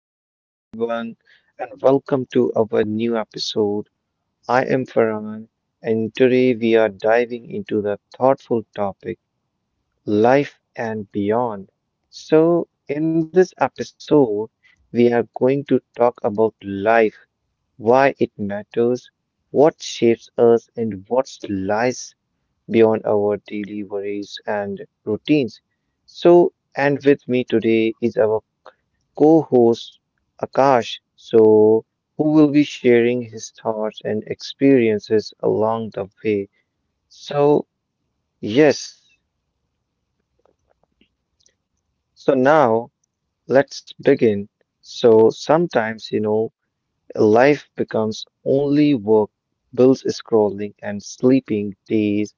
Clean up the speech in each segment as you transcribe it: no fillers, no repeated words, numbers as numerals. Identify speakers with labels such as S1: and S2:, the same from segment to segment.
S1: Hello, everyone, and welcome to our new episode. I am Farhan, and today we are diving into the thoughtful topic life and beyond. So, in this episode, we are going to talk about life, why it matters, what shapes us, and what lies beyond our daily worries and routines. And with me today is our co host Akash, who will be sharing his thoughts and experiences along the way. So, yes, so now let's begin. So, sometimes, life becomes only work, bills scrolling, and sleeping. Days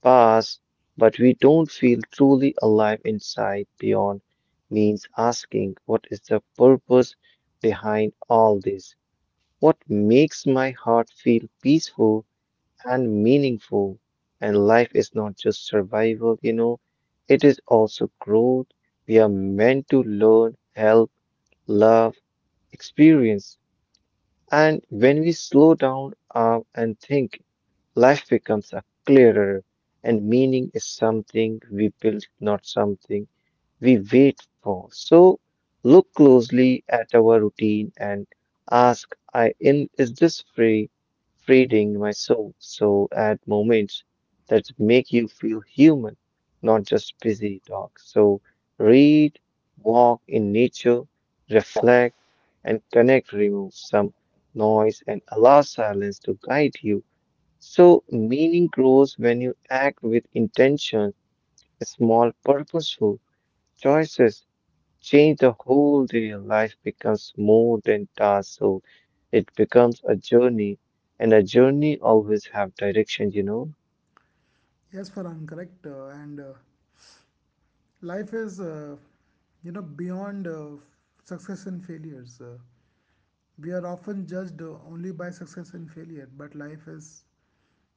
S1: pass, but we don't feel truly alive inside beyond means asking what is the purpose behind all this. What makes my heart feel peaceful and meaningful. And life is not just survival, you know, it is also growth. We are meant to learn, help, love, experience. And when we slow down and think, life becomes a clearer and meaning is something we build, not something we wait for. So look closely at our routine and ask, I in is this free feeding my soul? So add moments that make you feel human, not just busy talk. So read, walk in nature, reflect and connect, remove some noise and allow silence to guide you. So meaning grows when you act with intention, small purposeful choices change the whole day. Life becomes more than tasks, so it becomes a journey, and a journey always have direction, you know?
S2: Yes, Farhan, correct. And life is, beyond success and failures. We are often judged only by success and failure, but life is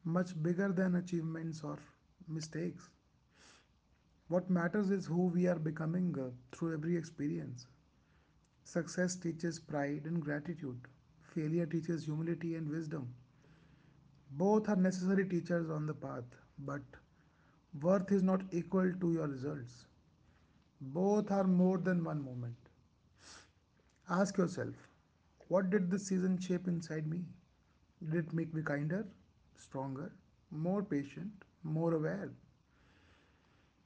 S2: much bigger than achievements or mistakes. What matters is who we are becoming through every experience. Success teaches pride and gratitude. Failure teaches humility and wisdom. Both are necessary teachers on the path, but worth is not equal to your results. Both are more than one moment. Ask yourself, what did this season shape inside me? Did it make me kinder, stronger, more patient, more aware?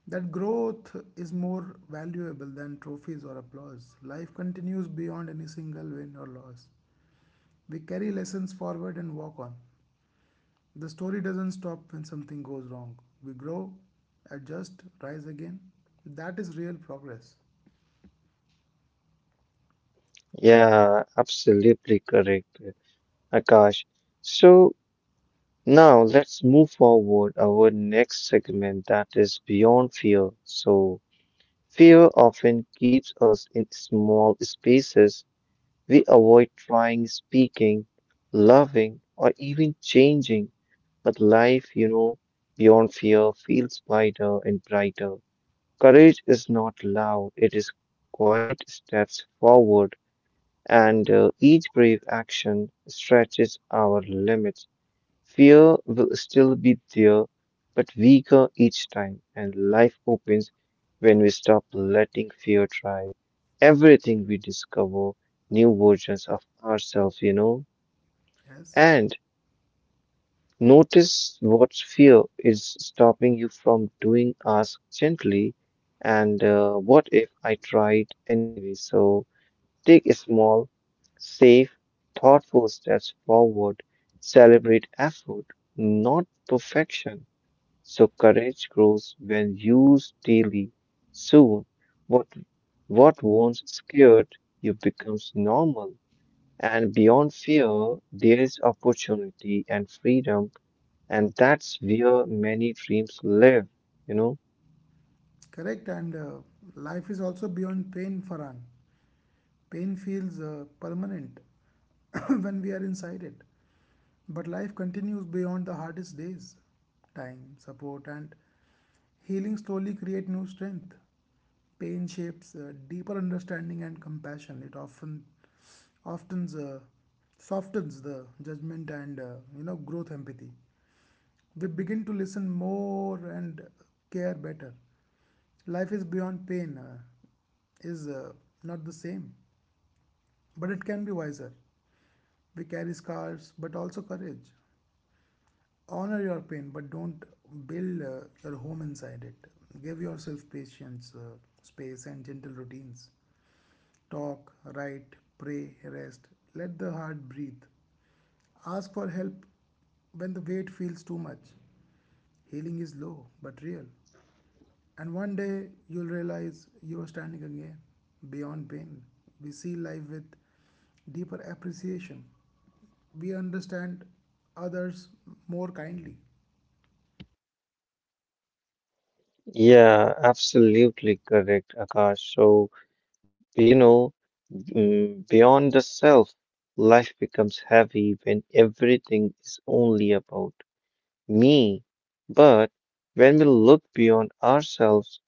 S2: That growth is more valuable than trophies or applause. Life continues beyond any single win or loss. We carry lessons forward and walk on. The story doesn't stop when something goes wrong. We grow, adjust, rise again. That is real progress.
S1: Yeah, absolutely correct, Akash. So now let's move forward our next segment that is beyond fear. So fear often keeps us in small spaces. We avoid trying, speaking, loving, or even changing. But life, you know, beyond fear feels wider and brighter. Courage is not loud, it is quiet steps forward, and each brave action stretches our limits. Fear will still be there, but weaker each time, and life opens when we stop letting fear drive everything we discover, new versions of ourselves, you know.
S2: Yes.
S1: And notice what fear is stopping you from doing, ask gently, and what if I tried anyway? So take a small, safe, thoughtful steps forward, celebrate effort, not perfection. So courage grows when used daily. Soon, what what once scared you becomes normal. And beyond fear, there is opportunity and freedom, and that's where many dreams live, you know?
S2: Correct, and life is also beyond pain, Farhan. Pain feels permanent when we are inside it. But life continues beyond the hardest days. Time, support, and healing slowly create new strength. Pain shapes deeper understanding and compassion. It often softens the judgment, and growth empathy. We begin to listen more and care better. Life is beyond pain, is not the same, but it can be wiser. We carry scars, but also courage. Honor your pain, but don't build your home inside it. Give yourself patience, space, and gentle routines. Talk, write, pray, rest. Let the heart breathe. Ask for help when the weight feels too much. Healing is low but real, and one day you'll realize you're standing again. Beyond pain, we see life with deeper appreciation. We understand others more kindly.
S1: Yeah, absolutely correct, Akash. So, you know, beyond the self, life becomes heavy when everything is only about me. But when we look beyond ourselves,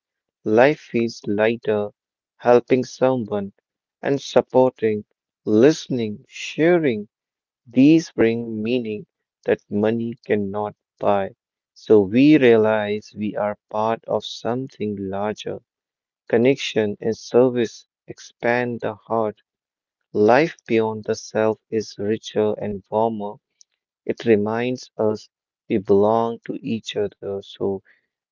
S1: life feels lighter, helping someone and supporting, listening, sharing. These bring meaning that money cannot buy. So we realize we are part of something larger. Connection and service expand the heart. Life beyond the self is richer and warmer. It reminds us we belong to each other, so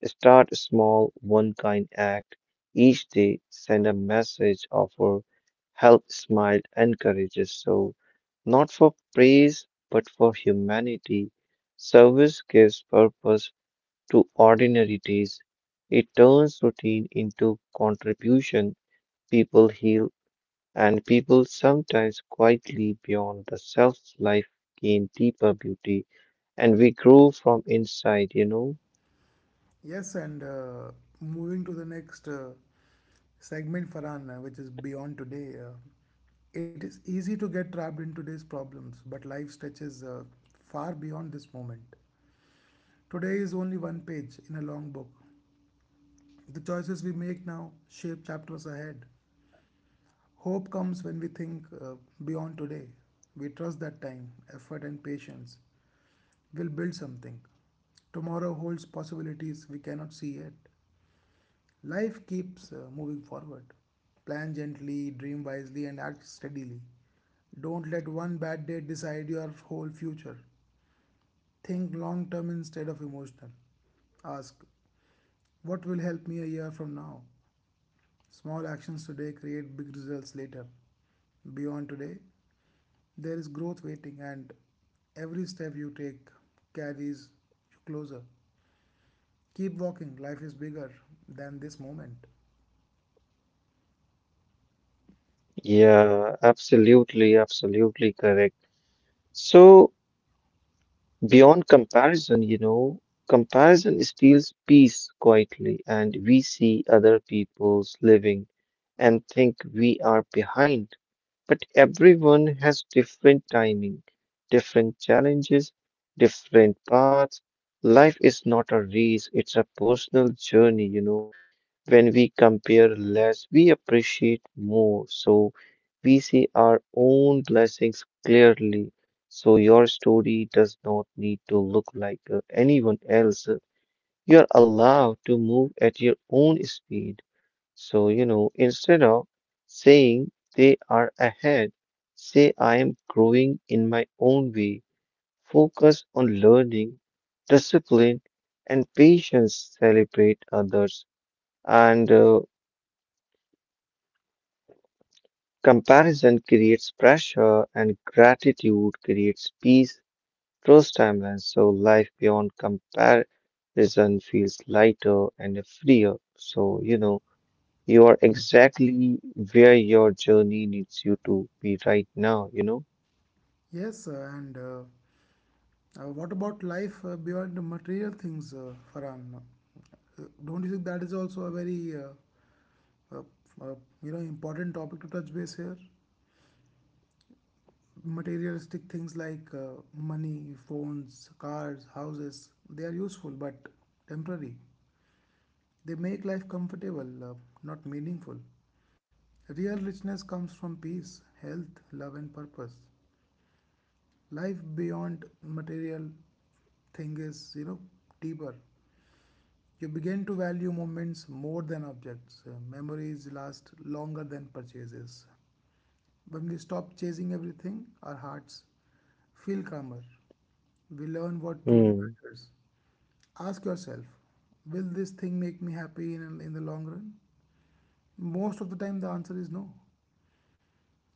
S1: start a small, one kind act each day, send a message, offer help, smile, encourages. So, not for praise, but for humanity. Service gives purpose to ordinary days. It turns routine into contribution. People heal and people sometimes quietly beyond the self's life gain deeper beauty and we grow from inside, you know?
S2: Yes, and moving to the next segment, Farhan, which is beyond today. It is easy to get trapped in today's problems, but life stretches far beyond this moment. Today is only one page in a long book. The choices we make now shape chapters ahead. Hope comes when we think beyond today. We trust that time, effort, and patience will build something. Tomorrow holds possibilities we cannot see yet. Life keeps moving forward. Plan gently, dream wisely, and act steadily. Don't let one bad day decide your whole future. Think long term instead of emotional. Ask, what will help me a year from now? Small actions today create big results later. Beyond today, there is growth waiting, and every step you take carries you closer. Keep walking, life is bigger than this moment.
S1: Yeah, absolutely, absolutely correct. So, beyond comparison, you know, comparison steals peace quietly, and we see other people's living and think we are behind. But everyone has different timing, different challenges, different paths. Life is not a race, it's a personal journey, you know. When we compare less, we appreciate more. So we see our own blessings clearly. So your story does not need to look like anyone else. You're allowed to move at your own speed. So, you know, instead of saying they are ahead, say I am growing in my own way. Focus on learning, discipline, and patience. Celebrate others. And comparison creates pressure, and gratitude creates peace, trust, timelines. So, life beyond comparison feels lighter and freer. So, you know. You are exactly where your journey needs you to be right now, you know?
S2: Yes, and what about life beyond the material things, Farhan? Don't you think that is also a very uh, uh, important topic to touch base here? Materialistic things like money, phones, cars, houses, they are useful but temporary. They make life comfortable, not meaningful. Real richness comes from peace, health, love, and purpose. Life beyond material thing is, deeper. You begin to value moments more than objects. Memories last longer than purchases. When we stop chasing everything, our hearts feel calmer. We learn what truly
S1: Hmm.
S2: matters. Ask yourself, will this thing make me happy in the long run? Most of the time, the answer is no.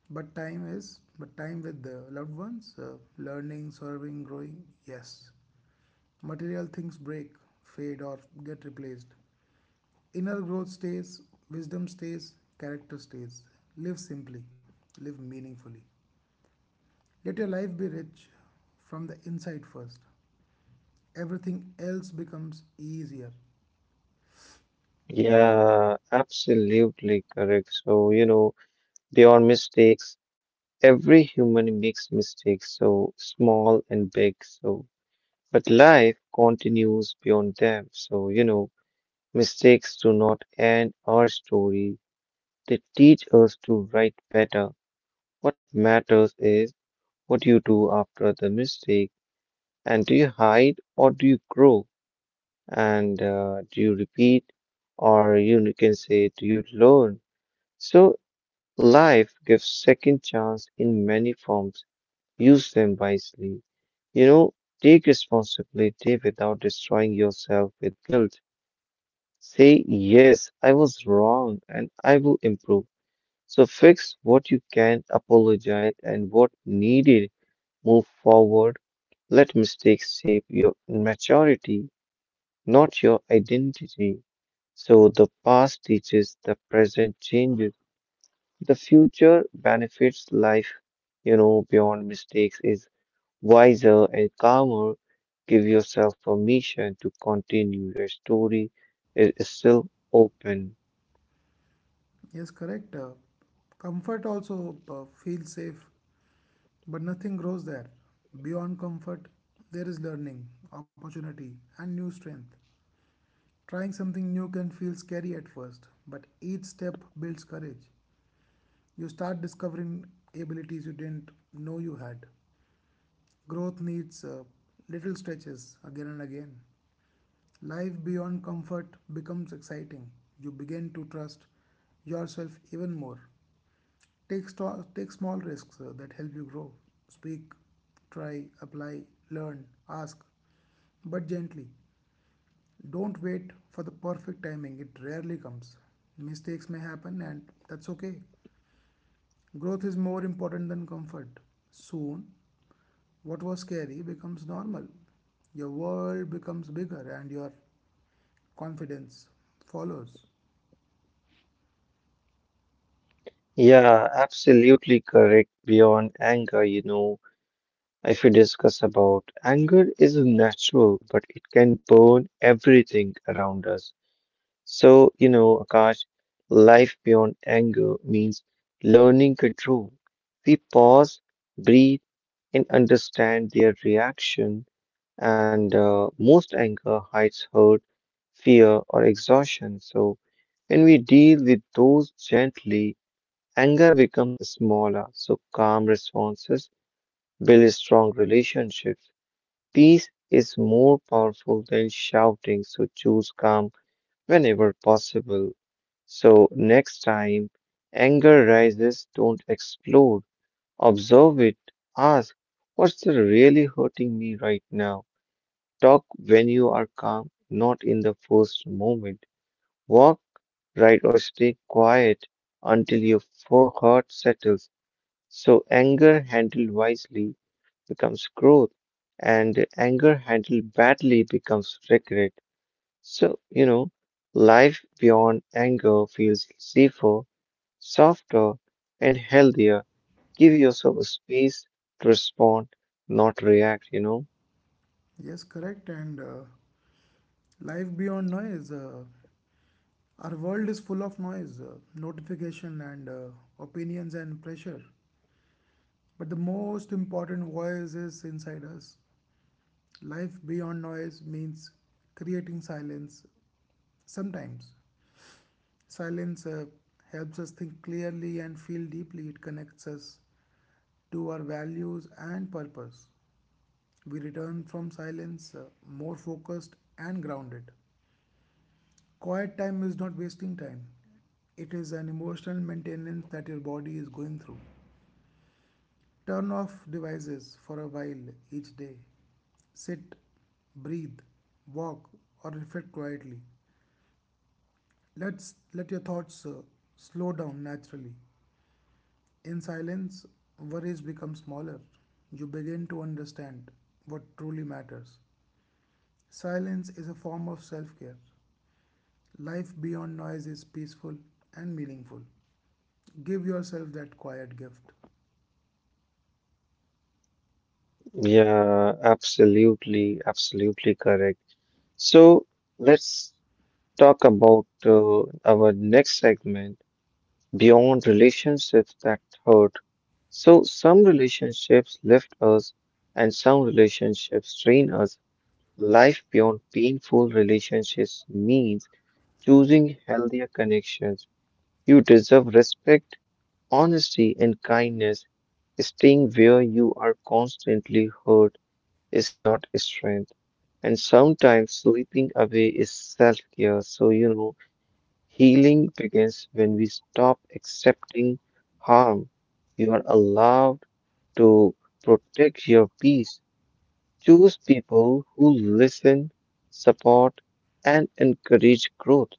S2: But time with the loved ones, learning, serving, growing, yes. Material things break, fade, or get replaced. Inner growth stays, wisdom stays, character stays. Live simply, live meaningfully. Let your life be rich from the inside first. Everything else becomes easier.
S1: Yeah, absolutely correct. So, you know, there are mistakes. Every human makes mistakes, so small and big. So, but life continues beyond them. So, you know, mistakes do not end our story. They teach us to write better. What matters is what you do after the mistake. And do you hide or do you grow? And do you repeat or you can say do you learn, so life gives second chance in many forms, use them wisely, you know, take responsibility without destroying yourself with guilt, say yes I was wrong and I will improve, so fix what you can apologize and what needed, move forward, let mistakes shape your maturity, not your identity. So the past teaches, the present changes, the future benefits life, you know, beyond mistakes is wiser and calmer. Give yourself permission to continue. Your story is still open.
S2: Yes, correct. Comfort also feels safe, but nothing grows there. Beyond comfort, there is learning, opportunity, and new strength. Trying something new can feel scary at first, but each step builds courage. You start discovering abilities you didn't know you had. Growth needs little stretches again and again. Life beyond comfort becomes exciting. You begin to trust yourself even more. Take small risks that help you grow. Speak, try, apply, learn, ask, but gently. Don't wait for the perfect timing, it rarely comes. Mistakes may happen, and that's okay. Growth is more important than comfort. Soon, what was scary becomes normal. Your world becomes bigger and your confidence follows.
S1: Yeah, absolutely correct. Beyond anger, you know, if we discuss about anger is natural, but it can burn everything around us. So, you know, Akash, life beyond anger means learning control. We pause, breathe, and understand their reaction. And most anger hides hurt, fear, or exhaustion. So, when we deal with those gently, anger becomes smaller. So, calm responses build strong relationships. Peace is more powerful than shouting. So, choose calm whenever possible. So, next time anger rises, don't explode. Observe it. Ask, what's really hurting me right now? Talk when you are calm, not in the first moment. Walk right or stay quiet until your full heart settles. So, anger handled wisely becomes growth, and anger handled badly becomes regret. So, you know, life beyond anger feels safer, softer, and healthier. Give yourself a space to respond, not react, you know?
S2: Yes, correct. And Life beyond noise. Our world is full of noise, notification, and opinions and pressure. But the most important voice is inside us. Life beyond noise means creating silence sometimes. Silence helps us think clearly and feel deeply. It connects us to our values and purpose. We return from silence more focused and grounded. Quiet time is not wasting time, it is an emotional maintenance that your body is going through. Turn off devices for a while each day. Sit, breathe, walk, or reflect quietly. Let's let your thoughts slow down naturally. In silence, worries become smaller. You begin to understand what truly matters. Silence is a form of self care. Life beyond noise is peaceful and meaningful. Give yourself that quiet gift.
S1: Yeah, absolutely, absolutely correct. So, let's talk about our next segment beyond relationships that hurt. So, some relationships lift us, and some relationships train us. Life beyond painful relationships means choosing healthier connections. You deserve respect, honesty, and kindness. Staying where you are constantly hurt is not strength. And sometimes sleeping away is self care. So, you know, healing begins when we stop accepting harm. You are allowed to protect your peace. Choose people who listen, support, and encourage growth,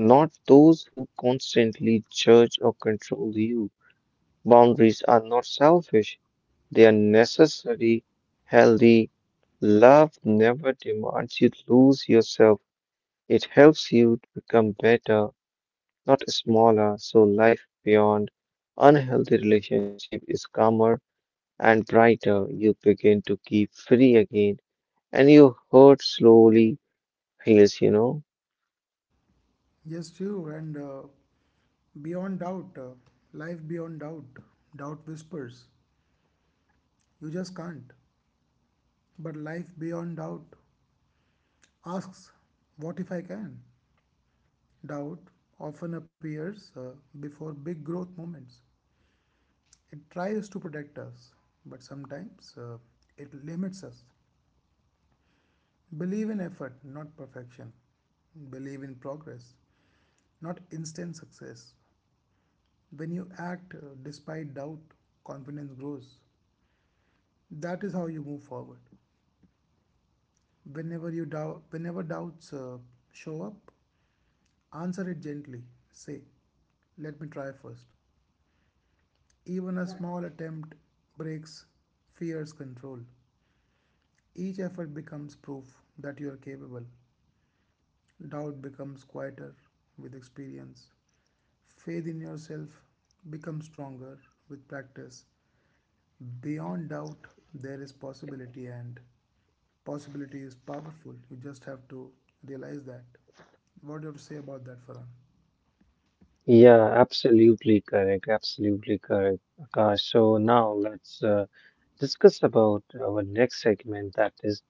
S1: not those who constantly judge or control you. Boundaries are not selfish, they are necessary, healthy. Love never demands you lose yourself, it helps you to become better, not smaller. So, life beyond unhealthy relationship is calmer and brighter. You begin to keep free again and your hurt slowly heals, you know.
S2: Yes, true. And Beyond doubt, life beyond doubt, doubt whispers, you just can't. But life beyond doubt asks, what if I can? Doubt often appears before big growth moments. It tries to protect us, but sometimes it limits us. Believe in effort, not perfection. Believe in progress, not instant success. When you act despite doubt, confidence grows. That is how you move forward. Whenever doubts show up, answer it gently. Say, "Let me try first." Even a small attempt breaks fear's control. Each effort becomes proof that you are capable. Doubt becomes quieter with experience. Faith in yourself becomes stronger with practice. Beyond doubt, there is possibility, and possibility is powerful. You just have to realize that. What do you have to say about that, Farhan?
S1: Yeah, absolutely correct. Absolutely correct. Akash. So now let's discuss about our next segment that is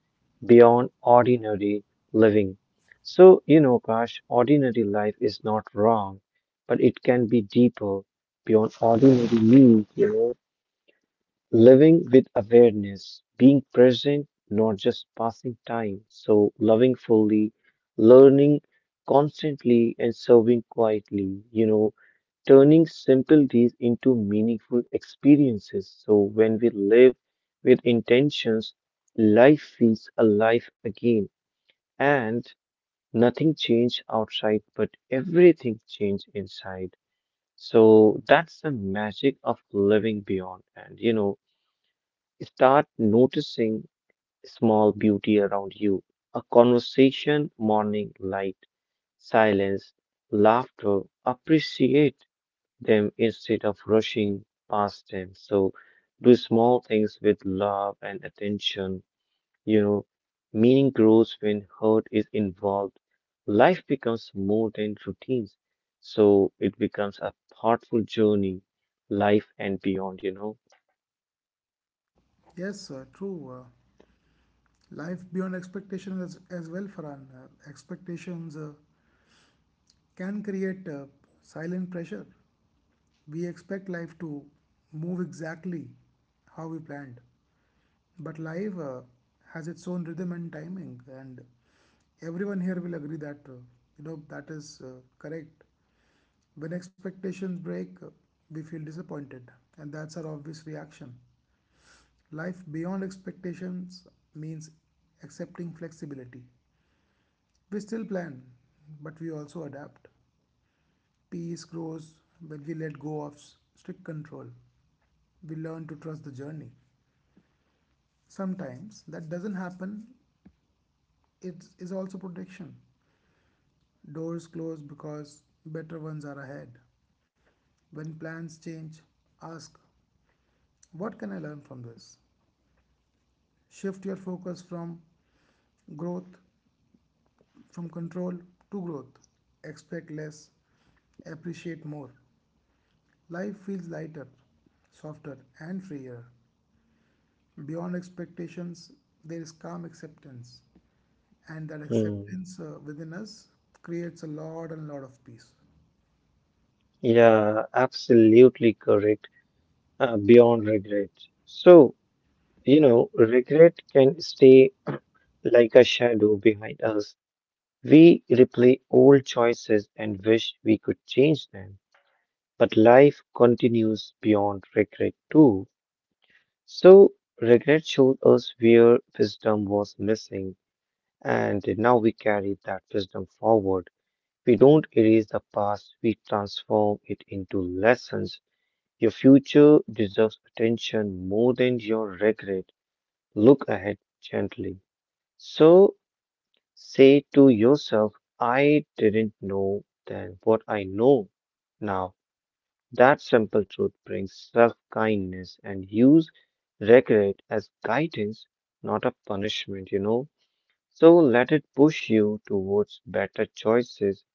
S1: beyond ordinary living. So, you know, Akash, ordinary life is not wrong, but it can be deeper beyond ordinary means, you know. Living with awareness, being present, not just passing time. So, loving fully, learning constantly, and serving quietly, you know, turning simple deeds into meaningful experiences. So, when we live with intentions, life feels alive again, and nothing changed outside, but everything changed inside. So, that's the magic of living beyond, and you know. Start noticing small beauty around you. A conversation, morning light, silence, laughter. Appreciate them instead of rushing past them. So do small things with love and attention. You know, meaning grows when heart is involved. Life becomes more than routines. So it becomes a thoughtful journey, life and beyond, you know.
S2: Yes, true. Life beyond expectations as well, Farhan. Expectations can create silent pressure. We expect life to move exactly how we planned, but life has its own rhythm and timing, and everyone here will agree that that is correct. When expectations break, we feel disappointed, and that's our obvious reaction. Life beyond expectations means accepting flexibility. We still plan, but we also adapt. Peace grows when we let go of strict control. We learn to trust the journey. Sometimes that doesn't happen, it is also protection. Doors close because better ones are ahead. When plans change, ask, what can I learn from this? Shift your focus from growth, from control to growth. Expect less, appreciate more. Life feels lighter, softer, and freer. Beyond expectations, there is calm acceptance, and that
S1: Hmm.
S2: acceptance within us creates a lot and lot of peace.
S1: Yeah, absolutely correct. Beyond regret. So, you know, regret can stay like a shadow behind us. We replay old choices and wish we could change them. But life continues beyond regret too. So, regret showed us where wisdom was missing, and now we carry that wisdom forward. We don't erase the past, we transform it into lessons. Your future deserves attention more than your regret. Look ahead gently. So say to yourself, I didn't know then what I know now. That simple truth brings self kindness and use regret as guidance, not a punishment, you know. So let it push you towards better choices.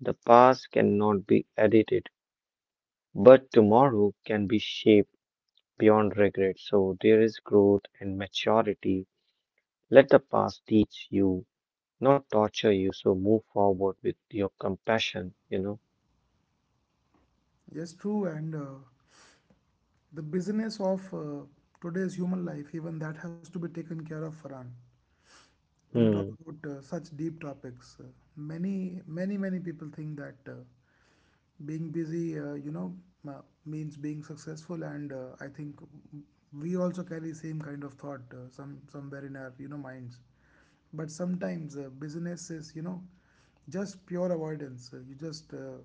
S1: The past cannot be edited, but tomorrow can be shaped. Beyond regret. So there is growth and maturity. Let the past teach you, not torture you. So move forward with your compassion, you know.
S2: Yes, true. And The busyness of today's human life, even that has to be taken care of, Farhan. When you talk
S1: Hmm.
S2: about such deep topics, many people think that being busy, means being successful, and I think we also carry same kind of thought somewhere in our minds. But sometimes business is just pure avoidance.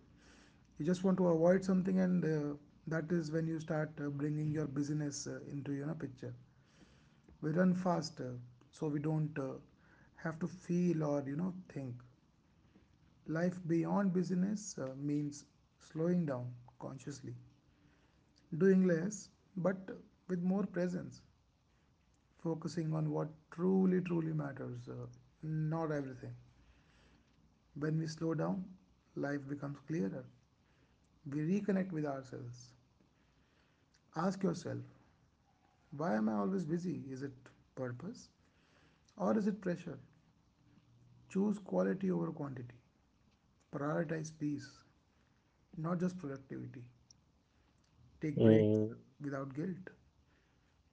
S2: You just want to avoid something, and that is when you start bringing your business into picture. We run faster so we don't have to feel or think. Life beyond business means slowing down consciously, doing less but with more presence, focusing on what truly matters, not everything. When we slow down, life becomes clearer. We reconnect with ourselves. Ask yourself, why am I always busy? Is it purpose or is it pressure? Choose quality over quantity. Prioritize peace, not just productivity. Take breaks
S1: Mm.
S2: without guilt.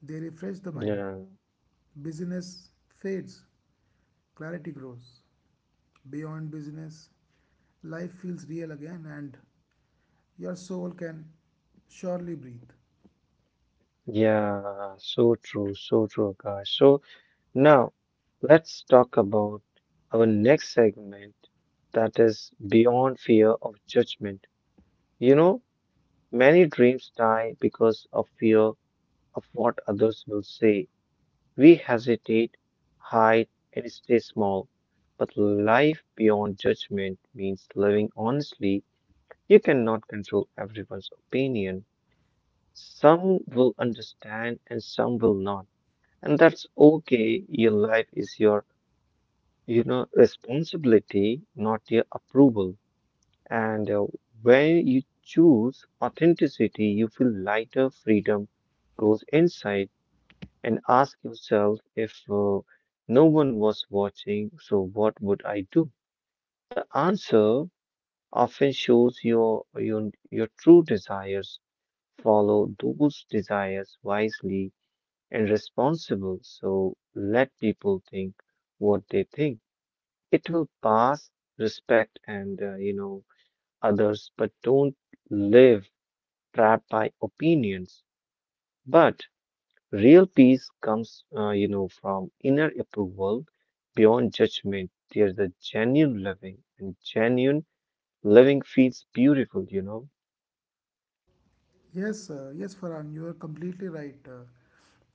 S2: They refresh the mind.
S1: Yeah.
S2: Busyness fades, clarity grows. Beyond business, life feels real again and your soul can surely breathe.
S1: Yeah. So true. So true, guys. So now let's talk about our next segment that is beyond fear of judgment. You know, many dreams die because of fear of what others will say. We hesitate, hide, and stay small. But life beyond judgment means living honestly. You cannot control everyone's opinion. Some will understand and some will not. And that's okay. Your life is your responsibility, not your approval. And when you choose authenticity, you feel lighter, freedom grows inside and ask yourself if no one was watching, so what would I do? The answer often shows your true desires. Follow those desires wisely and responsible. So let people think what they think. It will pass respect and, you know, others, but don't live trapped by opinions. But real peace comes, from inner approval beyond judgment. There's a genuine loving, and genuine loving feels beautiful.
S2: Yes, yes, Farhan, you are completely right.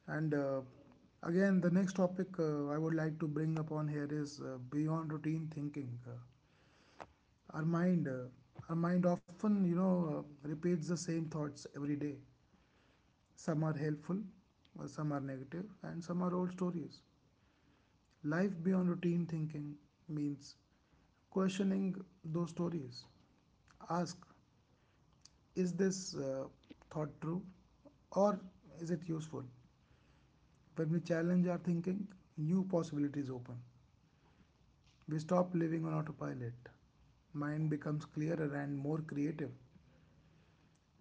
S2: and Again, the next topic I would like to bring upon here is beyond routine thinking. Our mind uh, our mind often repeats the same thoughts every day. Some are helpful, some are negative, and some are old stories. Life beyond routine thinking means questioning those stories. Ask, is this uh, thought true or is it useful? When we challenge our thinking, new possibilities open. We stop living on autopilot. Mind becomes clearer and more creative.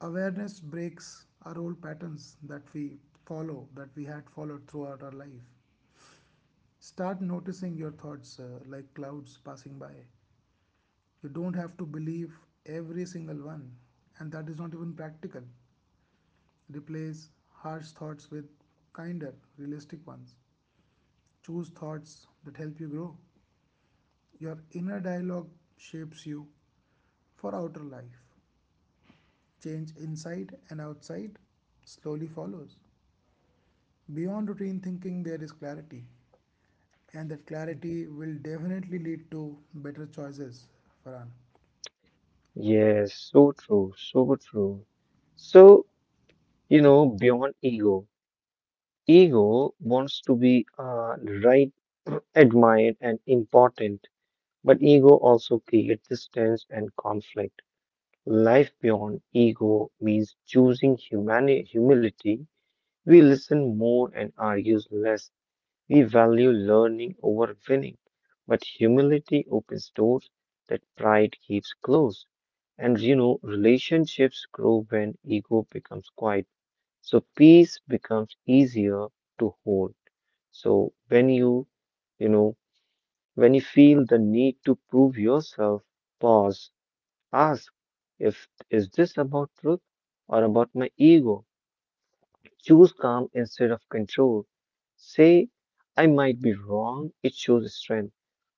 S2: Awareness breaks our old patterns that we follow, that we had followed throughout our life. Start noticing your thoughts like clouds passing by. You don't have to believe every single one, and that is not even practical. Replace harsh thoughts with kinder, realistic ones. Choose thoughts that help you grow. Your inner dialogue shapes you for outer life. Change inside and outside slowly follows. Beyond routine thinking, there is clarity, and that clarity will definitely lead to better choices, Farhan.
S1: Yes, so true, so true. So, beyond ego, ego wants to be right, admired, and important, but ego also creates distance and conflict. Life beyond ego means choosing humani humility. We listen more and argue less. We value learning over winning. But humility opens doors that pride keeps closed. Relationships grow when ego becomes quiet. So peace becomes easier to hold. So you know, when you feel the need to prove yourself, pause, ask if is this about truth or about my ego? Choose calm instead of control. Say, I might be wrong. It shows strength.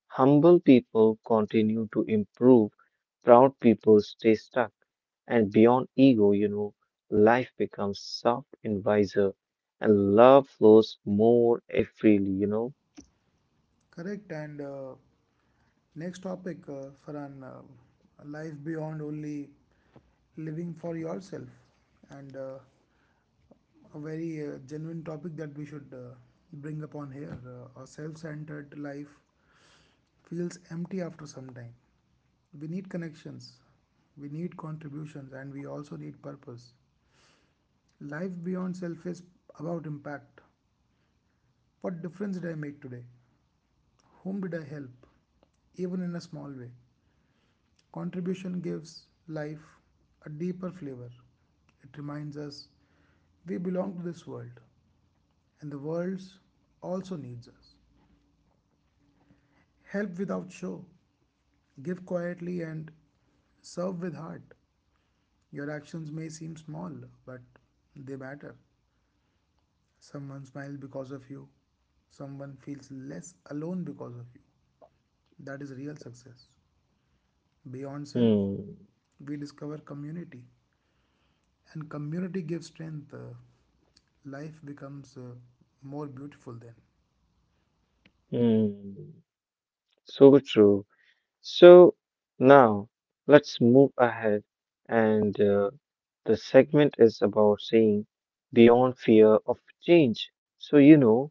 S1: Humble people continue to improve. Proud people stay stuck. And beyond ego, life becomes soft and wiser. And love flows more freely.
S2: Correct. And next topic for an life beyond only living for yourself, and a very genuine topic that we should bring upon here. A self-centered life feels empty after some time. We need connections, we need contributions, and we also need purpose. Life beyond self is about impact. What difference did I make today? Whom did I help? Even in a small way. Contribution gives life a deeper flavor. It reminds us we belong to this world and the world also needs us. Help without show. Give quietly and serve with heart. Your actions may seem small, but they matter. Someone smiles because of you. Someone feels less alone because of you. That is real success. Beyond self,
S1: Hmm.
S2: we discover community, and community gives strength. Life becomes more beautiful then.
S1: Hmm. So true. So now let's move ahead, and the segment is about seeing beyond fear of change.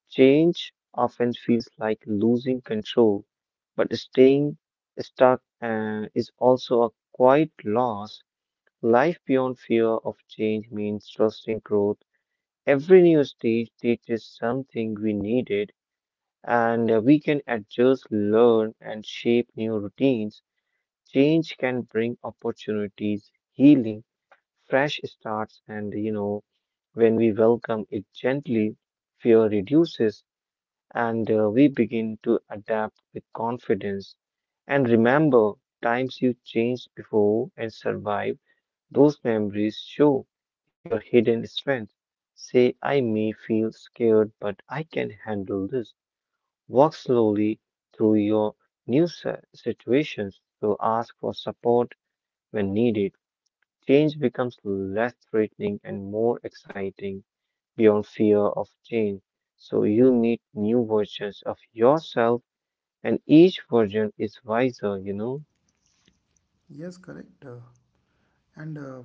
S1: Change often feels like losing control, but staying stuck is also a quiet loss. Life beyond fear of change means trusting growth. Every new stage teaches something we needed, and we can adjust, learn, and shape new routines. Change can bring opportunities, healing, fresh starts, and when we welcome it gently, fear reduces and we begin to adapt with confidence. And remember, times you changed before and survived, those memories show your hidden strength. Say, I may feel scared, but I can handle this. Walk slowly through your situations. So ask for support when needed, change becomes less threatening and more exciting beyond fear of change. So you meet new versions of yourself, and each version is wiser?
S2: Yes, correct. And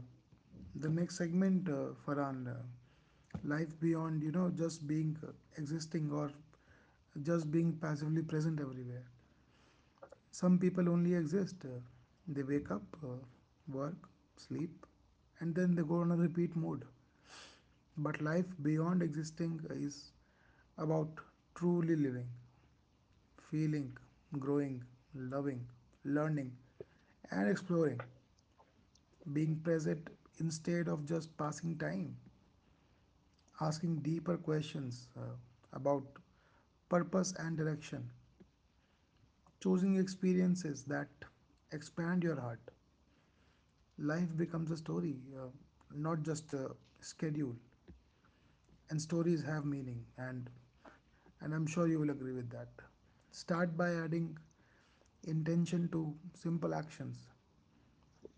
S2: the next segment, Farhan, life beyond, just being existing or just being passively present everywhere. Some people only exist. They wake up, work, sleep, and then they go on a repeat mode. But life beyond existing is about truly living, feeling, growing, loving, learning, and exploring, being present instead of just passing time, asking deeper questions about purpose and direction, choosing experiences that expand your heart. Life becomes a story, not just a schedule. And stories have meaning, and I'm sure you will agree with that. Start by adding intention to simple actions.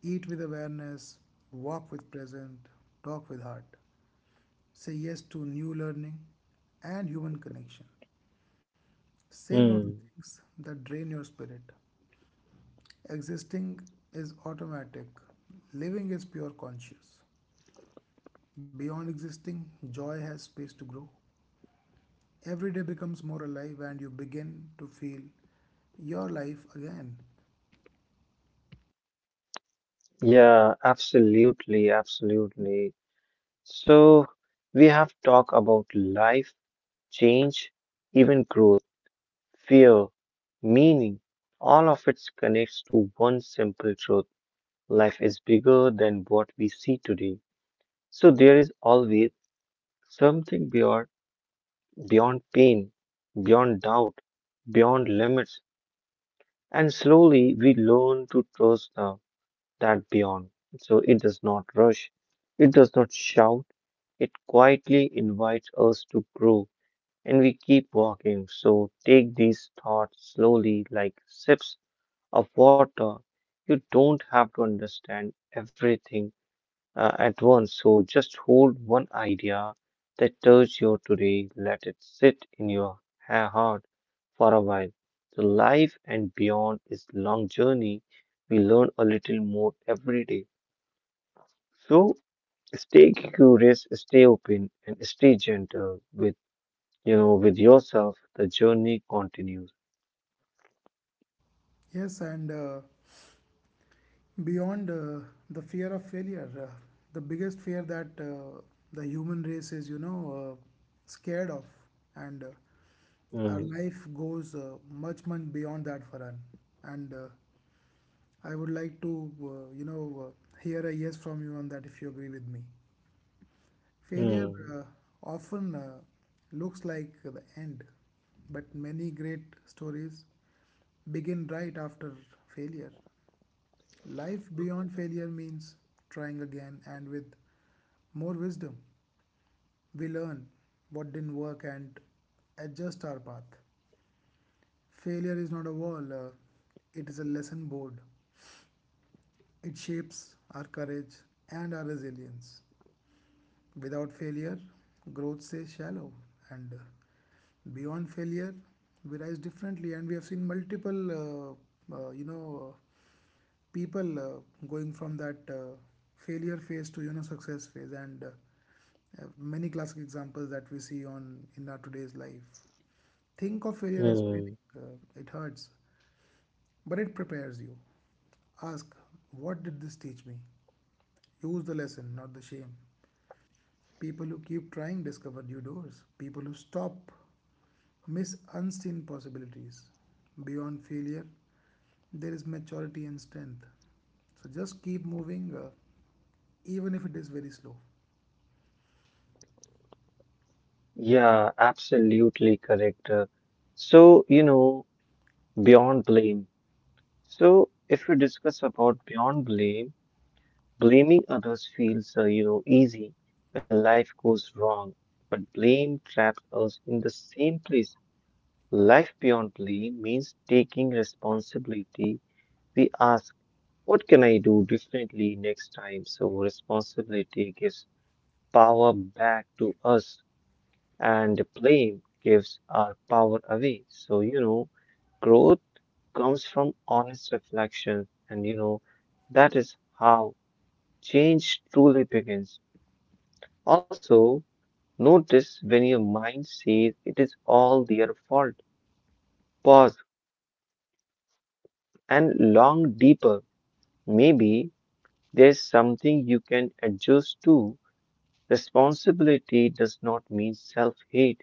S2: Eat with awareness, walk with present, talk with heart. Say yes to new learning and human connection. Say no to
S1: Hmm.
S2: things that drain your spirit. Existing is automatic, living is pure conscious. Beyond existing, joy has space to grow. Every day becomes more alive and you begin to feel your life again.
S1: Yeah, absolutely, absolutely. So we have talked about life, change, even growth, fear, meaning. All of it connects to one simple truth. Life is bigger than what we see today. So there is always something beyond beyond pain, beyond doubt, beyond limits, and slowly we learn to trust that beyond. So it does not rush, it does not shout, it quietly invites us to grow, and we keep walking. So take these thoughts slowly, like sips of water. You don't have to understand everything at once. So just hold one idea that touches you today, let it sit in your heart for a while. So life and beyond is long journey. We learn a little more every day. So stay curious, stay open, and stay gentle with with yourself. The journey continues.
S2: Yes, and beyond the fear of failure, the biggest fear that the human race is, you know, scared of, and our
S1: Mm,
S2: life goes much, much beyond that, Farhan. And I would like to hear a yes from you on that if you agree with me. Failure uh,
S1: mm,
S2: often looks like the end, but many great stories begin right after failure. Life beyond failure means trying again and with more wisdom. We learn what didn't work and adjust our path. Failure is not a wall, it is a lesson board. It shapes our courage and our resilience. Without failure, growth stays shallow, and beyond failure, we rise differently. And we have seen multiple, people going from that failure phase to success phase, and many classic examples that we see on in our today's life. Think of failure as
S1: mm.
S2: training. It hurts, but it prepares you. Ask, what did this teach me? Use the lesson, not the shame. People who keep trying discover new doors. People who stop miss unseen possibilities. Beyond failure, there is maturity and strength. So just keep moving, even if it is very slow.
S1: Yeah, absolutely correct. So, beyond blame. So, if we discuss about beyond blame, blaming others feels, easy when life goes wrong, but blame traps us in the same place. Life beyond blame means taking responsibility. We ask, what can I do differently next time? So, responsibility gives power back to us, and blame gives our power away. Growth comes from honest reflection, and that is how change truly begins. Also, notice when your mind says it is all their fault. Pause and long deeper. Maybe there's something you can adjust to. Responsibility does not mean self hate,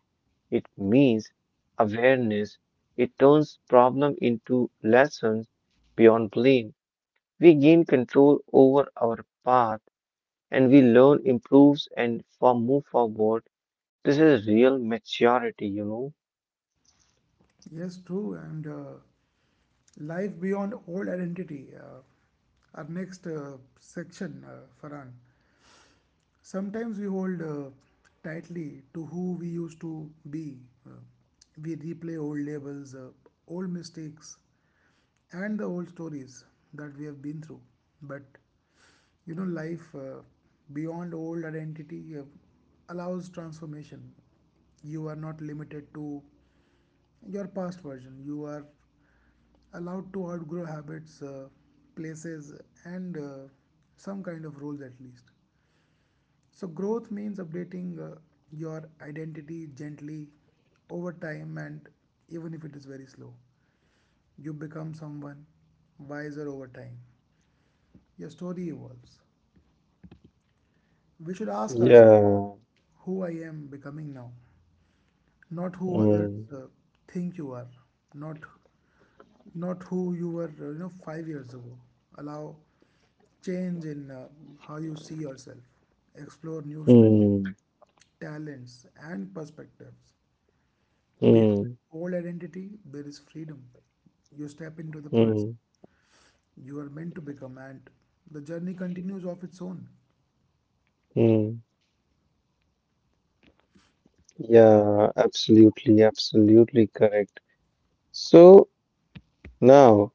S1: it means awareness. It turns problem into lessons beyond blame. We gain control over our path and we learn, improves, and for move forward. This is real maturity.
S2: Yes, true. And life beyond old identity. Our next section, Farhan. Sometimes we hold tightly to who we used to be. Uh, we replay old labels, old mistakes, and the old stories that we have been through. But life beyond old identity allows transformation. You are not limited to your past version, you are allowed to outgrow habits, places, and some kind of rules at least. So, growth means updating your identity gently over time and even if it is very slow. You become someone wiser over time. Your story evolves. We should ask ourselves
S1: Yeah.
S2: who I am becoming now, not who others
S1: Mm.
S2: uh, think you are, not not who you were 5 years ago. Allow change in how you see yourself. Explore new strengths,
S1: Mm.
S2: talents and perspectives. Beyond
S1: Mm.
S2: old identity there is freedom. You step into the person
S1: Mm.
S2: you are meant to become, and the journey continues of its own.
S1: Mm. Yeah, absolutely, absolutely correct. So now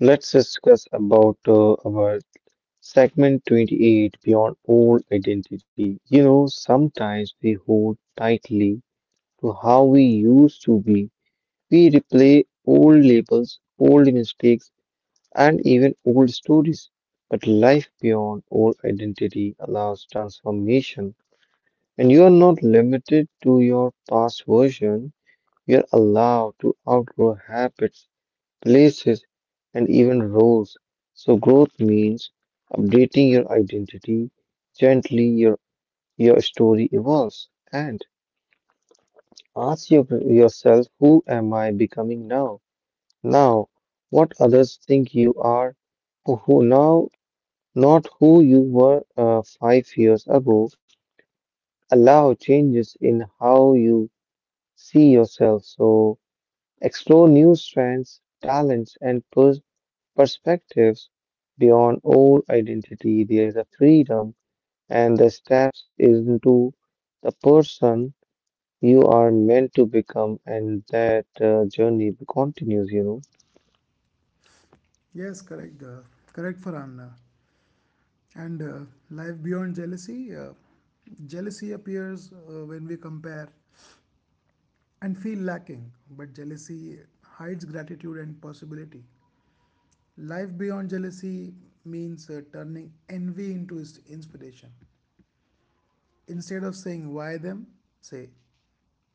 S1: let's discuss about our segment 28 beyond old identity. You know, sometimes we hold tightly to how we used to be. We replay old labels, old mistakes, and even old stories. But life beyond old identity allows transformation, and you are not limited to your past version. You are allowed to outgrow habits, places, and even roles. So, growth means updating your identity gently, your story evolves. And ask yourself, who am I becoming now? Now, what others think you are who now not who you were 5 years ago. Allow changes in how you see yourself. So explore new strengths, talents, and perspectives beyond old identity. There is a freedom and the steps into the person you are meant to become, and that journey continues,
S2: Yes, correct. Correct, Farhan. And Life beyond jealousy. Jealousy appears when we compare and feel lacking, but jealousy hides gratitude and possibility. Life beyond jealousy means turning envy into inspiration. Instead of saying why them, say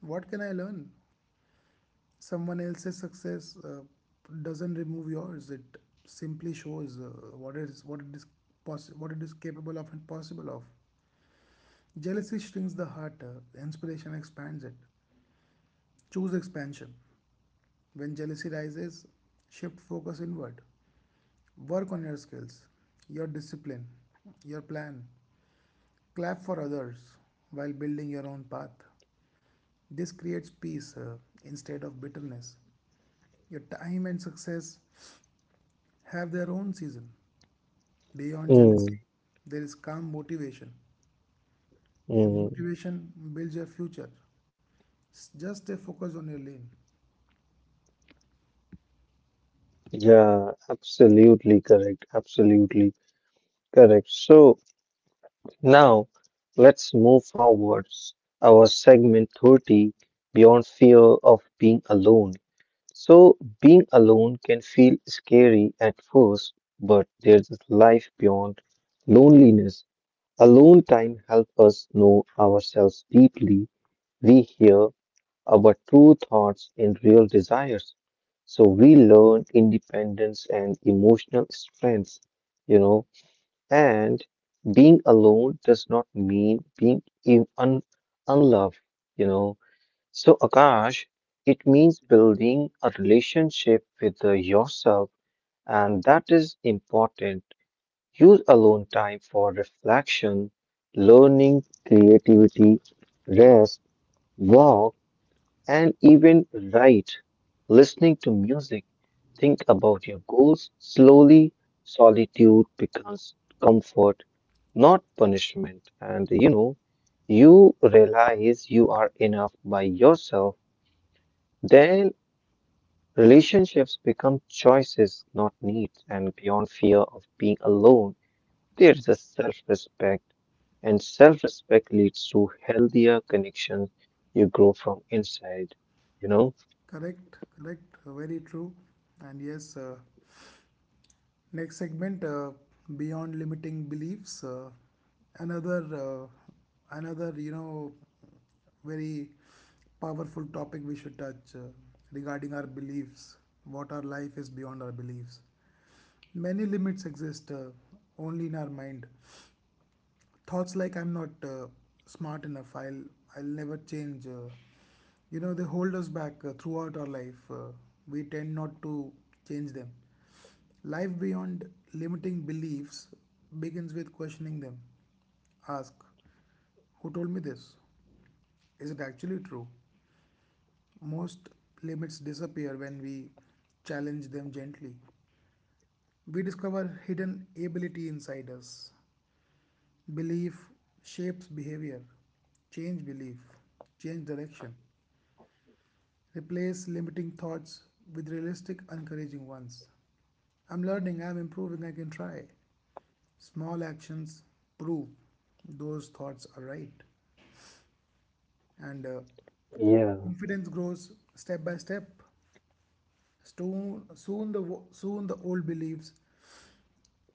S2: what can I learn. Someone else's success doesn't remove yours. It simply shows what is what it is what it is capable of and possible of. Jealousy shrinks the heart, inspiration expands it. Choose expansion. When jealousy rises, shift focus inward. Work on your skills, your discipline, your plan. Clap for others while building your own path. This creates peace instead of bitterness. Your time and success have their own season. Beyond jealousy,
S1: Mm,
S2: there is calm motivation, and
S1: mm.
S2: motivation builds your future. Just stay focused on your lane.
S1: Yeah, absolutely correct. Absolutely correct. So, now, let's move forwards. Our segment 30 beyond fear of being alone. So, being alone can feel scary at first, but there's a life beyond loneliness. Alone time helps us know ourselves deeply. We hear our true thoughts and real desires. So, we learn independence and emotional strength. You know, and being alone does not mean being in un unloved, you know. So, Akash, it means building a relationship with yourself, and that is important. Use alone time for reflection, learning, creativity, rest, work, and even write. Listening to music, think about your goals. Slowly, solitude becomes comfort, not punishment. And you realize you are enough by yourself. Then relationships become choices, not needs. And beyond fear of being alone, there is a self respect. And self respect leads to healthier connections. You grow from inside, you know?
S2: Correct, correct, very true. And yes, next segment beyond limiting beliefs. Another, uh, another, very powerful topic we should touch regarding our beliefs. What our life is beyond our beliefs. Many limits exist only in our mind. Thoughts like I'm not smart enough, I'll never change. They hold us back throughout our life. We tend not to change them. Life beyond limiting beliefs begins with questioning them. Ask, who told me this? Is it actually true? Most limits disappear when we challenge them gently. We discover hidden ability inside us. Belief shapes behavior. Change belief, change direction. Replace limiting thoughts with realistic, encouraging ones. I'm learning, I'm improving, I can try. Small actions prove those thoughts are right. And
S1: Yeah.
S2: confidence grows step by step. Soon the old beliefs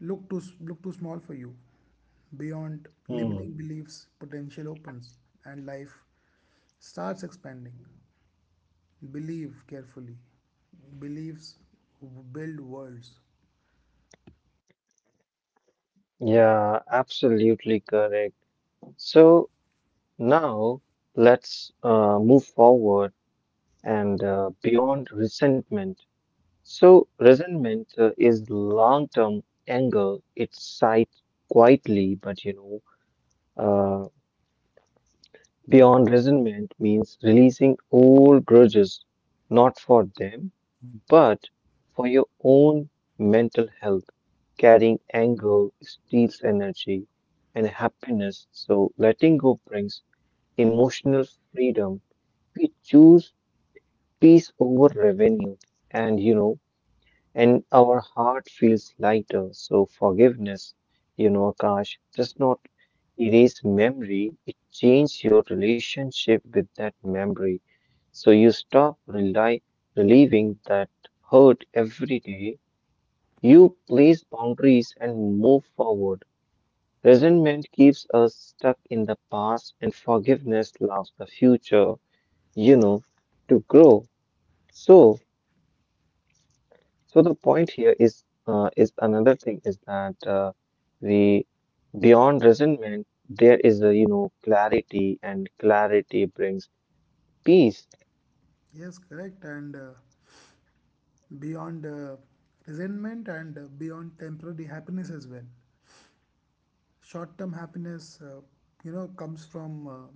S2: look look too small for you. Beyond
S1: Hmm.
S2: limiting beliefs, potential opens and life starts expanding. Believe carefully. Beliefs build worlds.
S1: Yeah, absolutely correct. So now let's move forward and beyond resentment. So, resentment is long-term anger. It's site quietly, but uh, beyond resentment means releasing old grudges, not for them, but for your own mental health. Carrying anger steals energy and happiness, so letting go brings emotional freedom. We choose peace over revenue, and and our heart feels lighter. So forgiveness, Akash, does not erase memory, it changes your relationship with that memory. So you relieving that hurt every day. You place boundaries and move forward. Resentment keeps us stuck in the past, and forgiveness allows the future, you know, to grow. So, So the point here is another thing is that we beyond resentment there is a clarity and clarity brings peace.
S2: Yes, correct. And Beyond resentment and beyond temporary happiness as well. Short term happiness comes from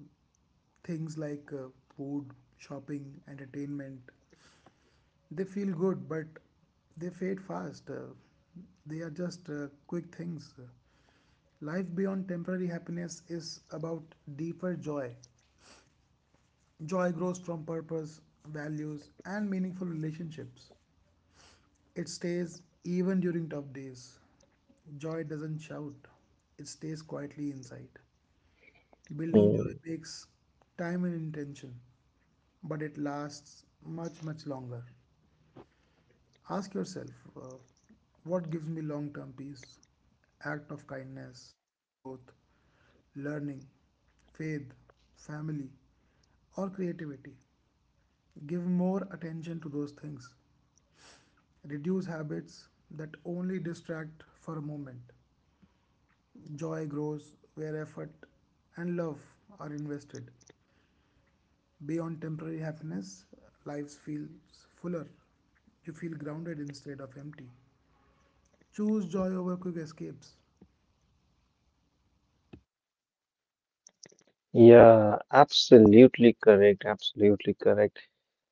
S2: things like food, shopping, entertainment. They feel good but they fade fast. They are just quick things. Life beyond temporary happiness is about deeper joy. Joy grows from purpose, values, and meaningful relationships. It stays even during tough days. Joy doesn't shout, it stays quietly inside. Building joy
S1: Mm,
S2: takes time and intention, but it lasts much, much longer. Ask yourself, uh, what gives me long term peace? Act of kindness, growth, learning, faith, family, or creativity. Give more attention to those things. Reduce habits that only distract for a moment. Joy grows where effort and love are invested. Beyond temporary happiness, life feels fuller. You feel grounded instead of empty. Choose joy over quick escapes.
S1: yeah, absolutely correct. Absolutely correct.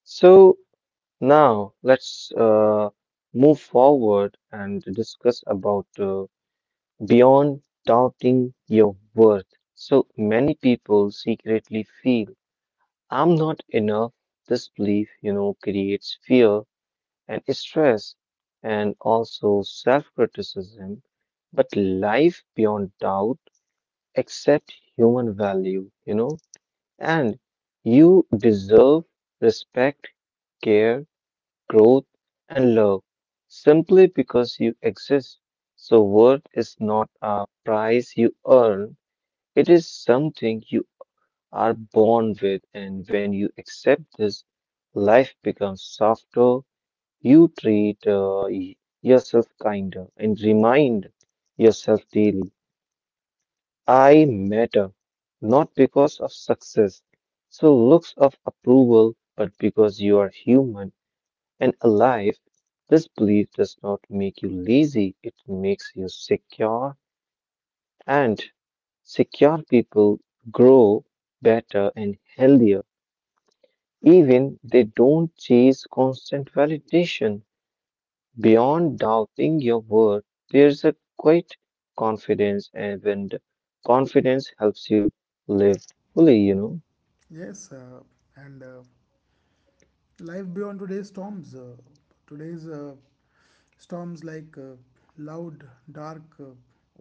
S1: So now let's move forward and discuss about beyond doubting your worth. So many people secretly feel I'm not enough. This belief, creates fear and stress and also self-criticism. But life beyond doubt accept human value, and you deserve respect, care, growth, and love simply because you exist. So worth is not a prize you earn. It is something you are born with, and when you accept this, life becomes softer. You treat yourself kinder and remind yourself daily I matter, not because of success, so looks of approval, but because you are human and alive. This belief does not make you lazy, it makes you secure, and secure people grow better and healthier. Even they don't chase constant validation. Beyond doubting your worth, there's a quiet confidence, and when the confidence helps you live fully, you know.
S2: Yes. And Life beyond today's storms. Today's storms like loud, dark,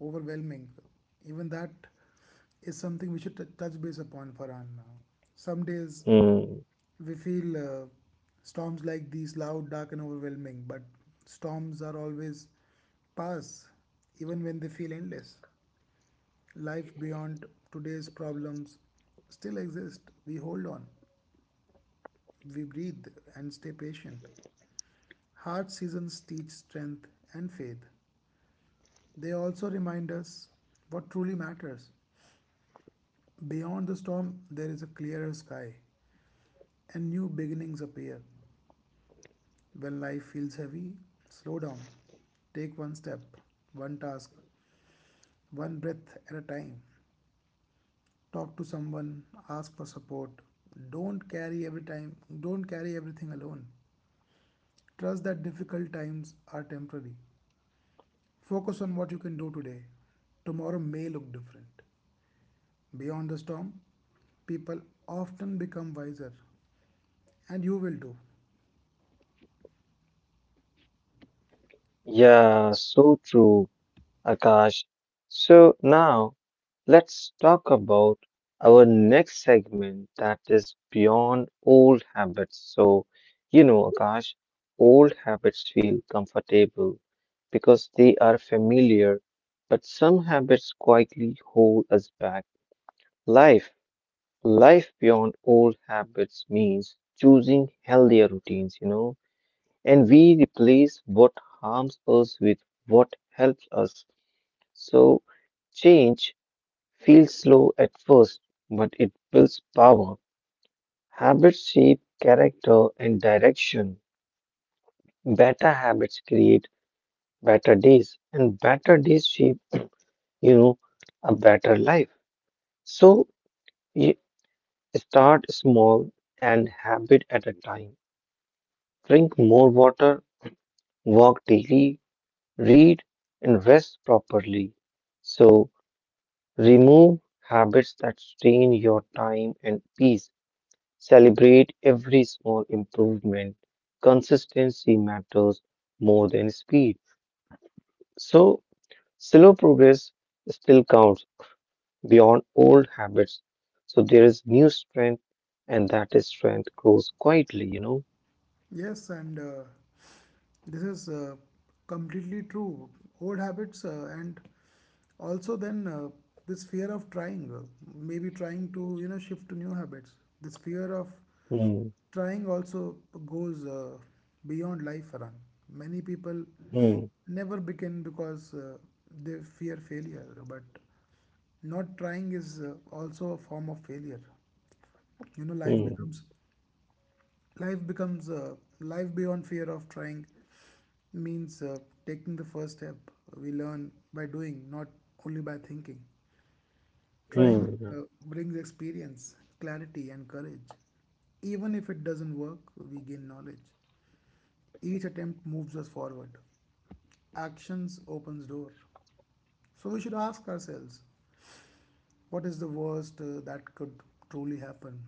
S2: overwhelming. Even that is something we should touch base upon, Farhan. Some days
S1: Hmm.
S2: we feel storms like these, loud, dark, and overwhelming, but storms are always pass, even when they feel endless. Life beyond today's problems still exist. We hold on, we breathe, and stay patient. Hard seasons teach strength and faith. They also remind us what truly matters. Beyond the storm, there is a clearer sky, and new beginnings appear. When life feels heavy, slow down. Take one step, one task, one breath at a time. Talk to someone, ask for support. Don't carry every time, don't carry everything alone. Trust that difficult times are temporary. Focus on what you can do today. Tomorrow may look different. Beyond the storm, people often become wiser, and you will too.
S1: Yeah, so true, Akash. So now let's talk about our next segment that is beyond old habits. So, you know, Akash, old habits feel comfortable because they are familiar, but some habits quietly hold us back. Life, life beyond old habits means choosing healthier routines, and we replace what harms us with what helps us. So, change feels slow at first, but it builds power. Habits shape character and direction. Better habits create better days, and better days shape, you know, a better life. So you start small and habit at a time. Drink more water, walk daily, read, and rest properly. So remove habits that strain your time and peace. Celebrate every small improvement. Consistency matters more than speed. So, slow progress still counts beyond old habits. So, there is new strength, and that is strength grows quietly, you know.
S2: Yes. And uh, This is completely true. Old habits and also then this fear of trying, maybe trying to shift to new habits. This fear of
S1: Hmm,
S2: trying also goes beyond life run. Many people
S1: hmm,
S2: never begin because they fear failure, but not trying is also a form of failure. You know,
S1: hmm,
S2: life beyond fear of trying means taking the first step. We learn by doing, not only by thinking. Trying
S1: hmm,
S2: brings experience, clarity and courage. Even if it doesn't work, we gain knowledge. Each attempt moves us forward. Actions opens door. So we should ask ourselves, what is the worst that could truly happen?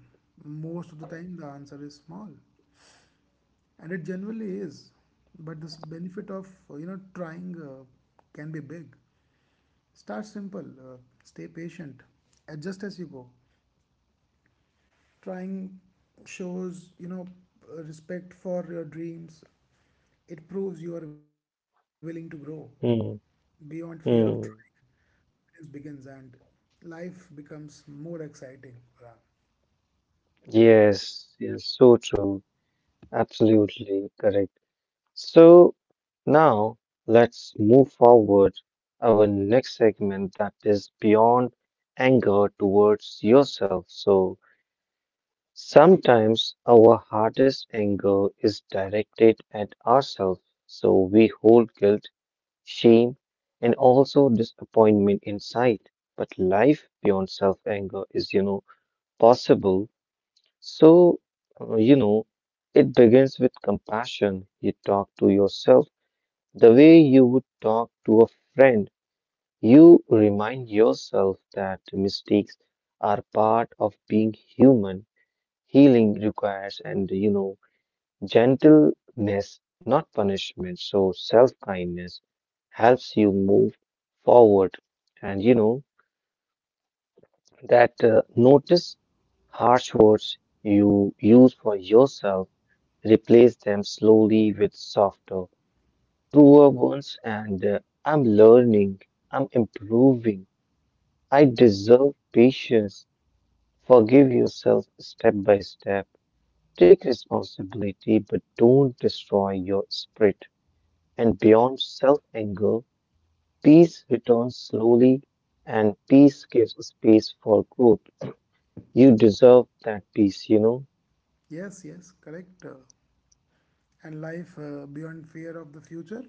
S2: Most of the time the answer is small, and it generally is. But this benefit of trying can be big. Start simple, stay patient, adjust as you go. Trying shows, respect for your dreams. It proves you are willing to grow. Beyond
S1: hmm,
S2: fear of trying,
S1: hmm.
S2: confidence begins and life becomes more exciting. Yeah.
S1: Yes, yes, so true. Absolutely correct. So now let's move forward our next segment that is beyond anger towards yourself. So sometimes our hardest anger is directed at ourselves. So we hold guilt, shame, and also disappointment inside. But life beyond self-anger is, possible. So, uh, you know, it begins with compassion. You talk to yourself the way you would talk to a friend, you remind yourself that mistakes are part of being human. Healing requires and gentleness, not punishment. So self-kindness helps you move forward. And you know that notice harsh words you use for yourself, replace them slowly with softer, truer ones, and I'm learning, I'm improving. I deserve patience. Forgive yourself step by step. Take responsibility, but don't destroy your spirit. And beyond self anger, peace returns slowly, and peace gives space for growth. You deserve that peace, you know?
S2: Yes, yes, correct. And Life beyond fear of the future.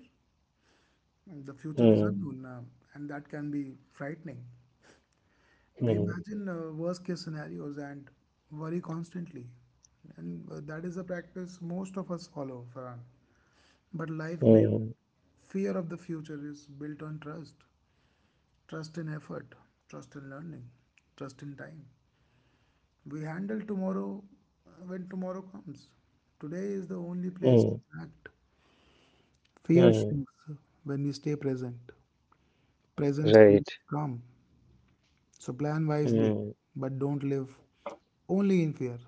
S2: The future is
S1: Hmm,
S2: unknown, and that can be frightening. They
S1: hmm,
S2: imagine worst case scenarios and worry constantly. And that is a practice most of us follow, Farhan. But life beyond
S1: hmm,
S2: fear of the future is built on trust. Trust in effort, trust in learning, trust in time. We handle tomorrow when tomorrow comes. Today is the only place
S1: hmm,
S2: we can act. Fear
S1: hmm.
S2: shrinks when we stay present. Presence
S1: Right.
S2: creates calm. So plan wisely,
S1: Hmm,
S2: but don't live only in fear.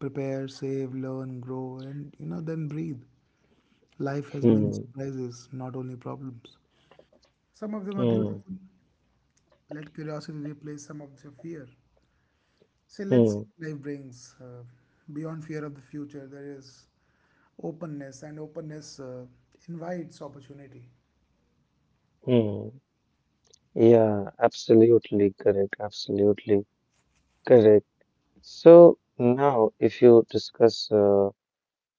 S2: Prepare, save, learn, grow, and then breathe. Life has many
S1: hmm,
S2: surprises, not only problems. Some of them are
S1: hmm,
S2: beautiful. Let curiosity replace some of your fear. So let's
S1: hmm,
S2: see what life brings. Beyond fear of the future, there is openness, and openness invites opportunity.
S1: hmm. Yeah, absolutely correct. Absolutely correct. So now, if you discuss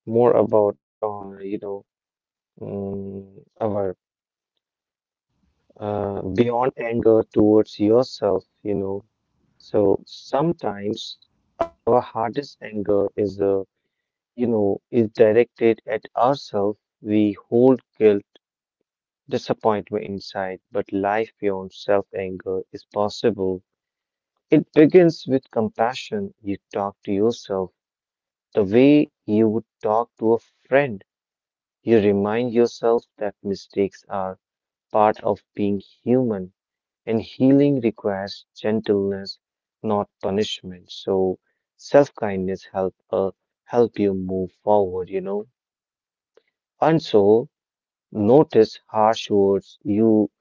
S1: more about on, um, our beyond anger towards yourself, so sometimes our hardest anger is, is directed at ourselves. We hold guilt, disappointment inside, but life beyond self-anger is possible. It begins with compassion. You talk to yourself the way you would talk to a friend. You remind yourself that mistakes are part of being human and healing requires gentleness, not punishment. So self-kindness help help you move forward. And so notice harsh words you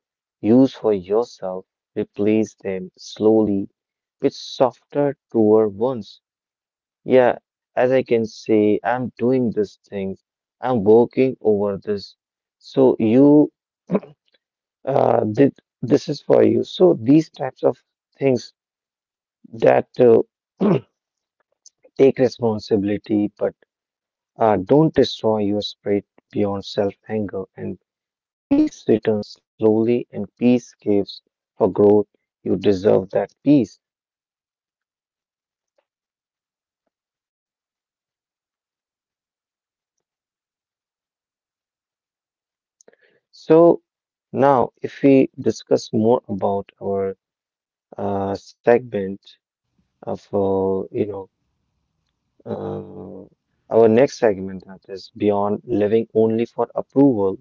S1: use for yourself, replace them slowly with softer, truer ones. Yeah, as I can say, I'm doing these things. I'm working over this. So you did this is for you. So these types of things that take responsibility but don't destroy your spirit beyond self-anger, and peace returns slowly, and peace gives for growth. You deserve that peace. So now if we discuss more about our segment for our next segment that is beyond living only for approval.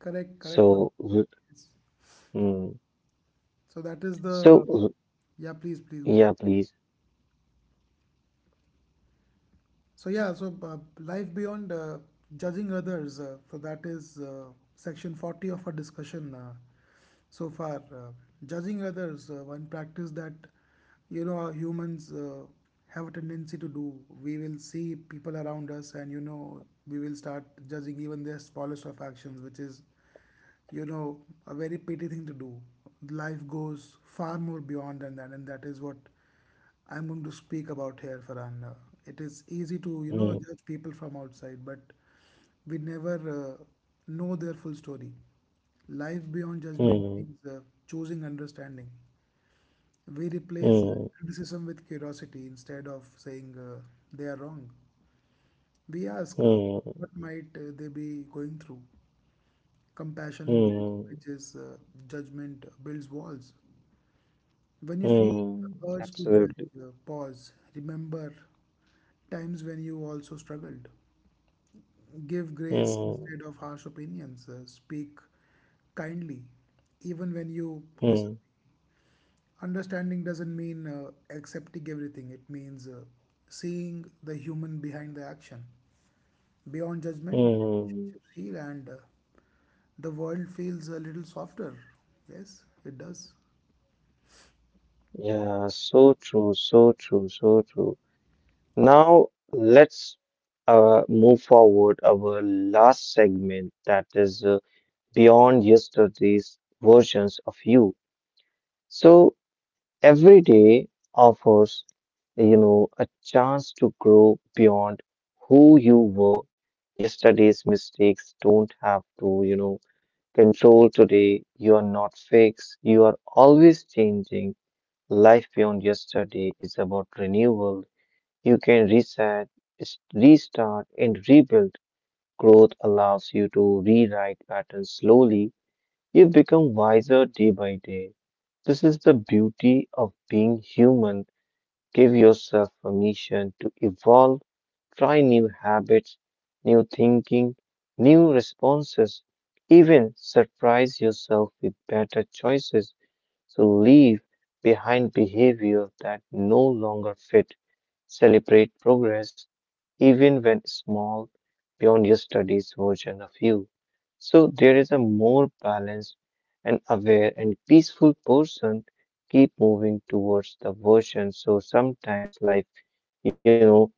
S2: Correct, correct.
S1: So w-
S2: Yes.
S1: mm,
S2: So that is
S1: so
S2: the.
S1: w-
S2: Yeah, please, please go on.
S1: yeah, please.
S2: So yeah, life beyond judging others. So that is section 40 of our discussion so far. Judging others, one practice that humans have a tendency to do. We will see people around us, and we will start judging even their smallest of actions, which is, you know, a very petty thing to do. Life goes far more beyond than that, and that is what I'm going to speak about here, Farhan. It is easy to,
S1: Mm,
S2: judge people from outside, but we never know their full story. Life beyond judgment
S1: mm,
S2: means choosing understanding. We replace
S1: mm,
S2: criticism with curiosity, instead of saying they are wrong. We ask,
S1: mm,
S2: what might they be going through? Compassion builds
S1: mm,
S2: bridges, judgment builds walls. When you feel
S1: mm,
S2: the urge to judge,
S1: absolutely.
S2: pause, remember times when you also struggled. Give grace
S1: Mm,
S2: instead of harsh opinions. Speak kindly, even when you
S1: mm,
S2: disagree. Understanding doesn't mean accepting everything, it means seeing the human behind the action. Beyond judgment, the
S1: mm.
S2: relationships heal, and the world feels a little softer. Yes, it does.
S1: Yeah, so true, so true, so true. Now let's move forward our last segment, that is. Beyond yesterday's versions of you. So every day offers, you know, a chance to grow beyond who you were. Yesterday's mistakes don't have to, you know, control today. You are not fixed. You are always changing. Life beyond yesterday is about renewal. You can reset, restart, and rebuild. Growth allows you to rewrite patterns slowly, you become wiser day by day. This is the beauty of being human. Give yourself permission to evolve, try new habits, new thinking, new responses, even surprise yourself with better choices. So leave behind behavior that no longer fit. Celebrate progress, even when small, beyond your studies version of you. So there is a more balanced and aware and peaceful person, keep moving towards the version. So sometimes life, you know,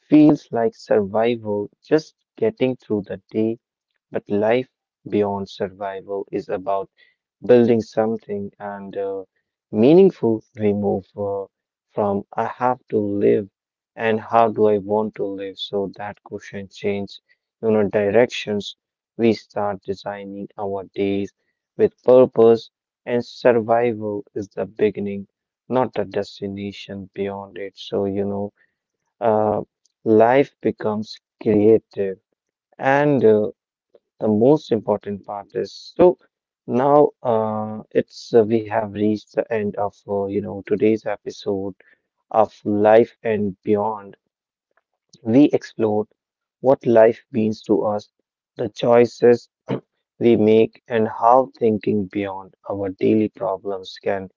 S1: feels like survival, just getting through the day, but life beyond survival is about building something and meaningful, remove from I have to live and how do I want to live. So that question change, you know, directions. We start designing our days with purpose, and survival is the beginning, not the destination beyond it. So, uh, life becomes creative, and the most important part is, so now it's we have reached the end of you know, today's episode of Life and Beyond. We explored what life means to us, the choices we make, and how thinking beyond our daily problems can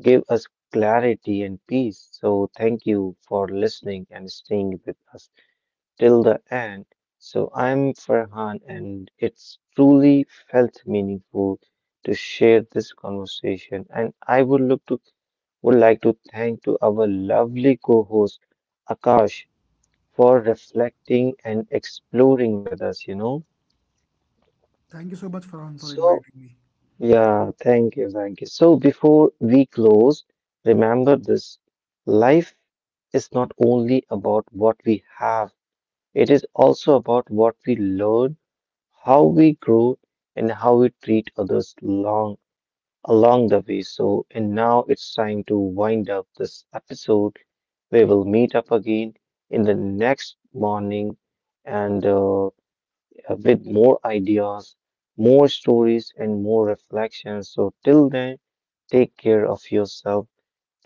S1: give us clarity and peace. So thank you for listening and staying with us till the end. So I'm Farhan, and it's truly felt meaningful to share this conversation. And I would like to thank to our lovely co-host Akash for reflecting and exploring with us. You know,
S2: Thank you so much, Farhan, for
S1: so
S2: inviting me.
S1: yeah, thank you, thank you. So before we close, remember this: life is not only about what we have. It is also about what we learn, how we grow, and how we treat others long along the way. So, and now it's time to wind up this episode. We will meet up again in the next morning and with more ideas, more stories, and more reflections. So, till then, take care of yourself,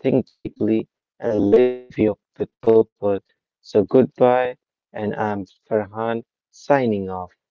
S1: think deeply, and live your with purpose. So, goodbye, and I'm Farhan signing off.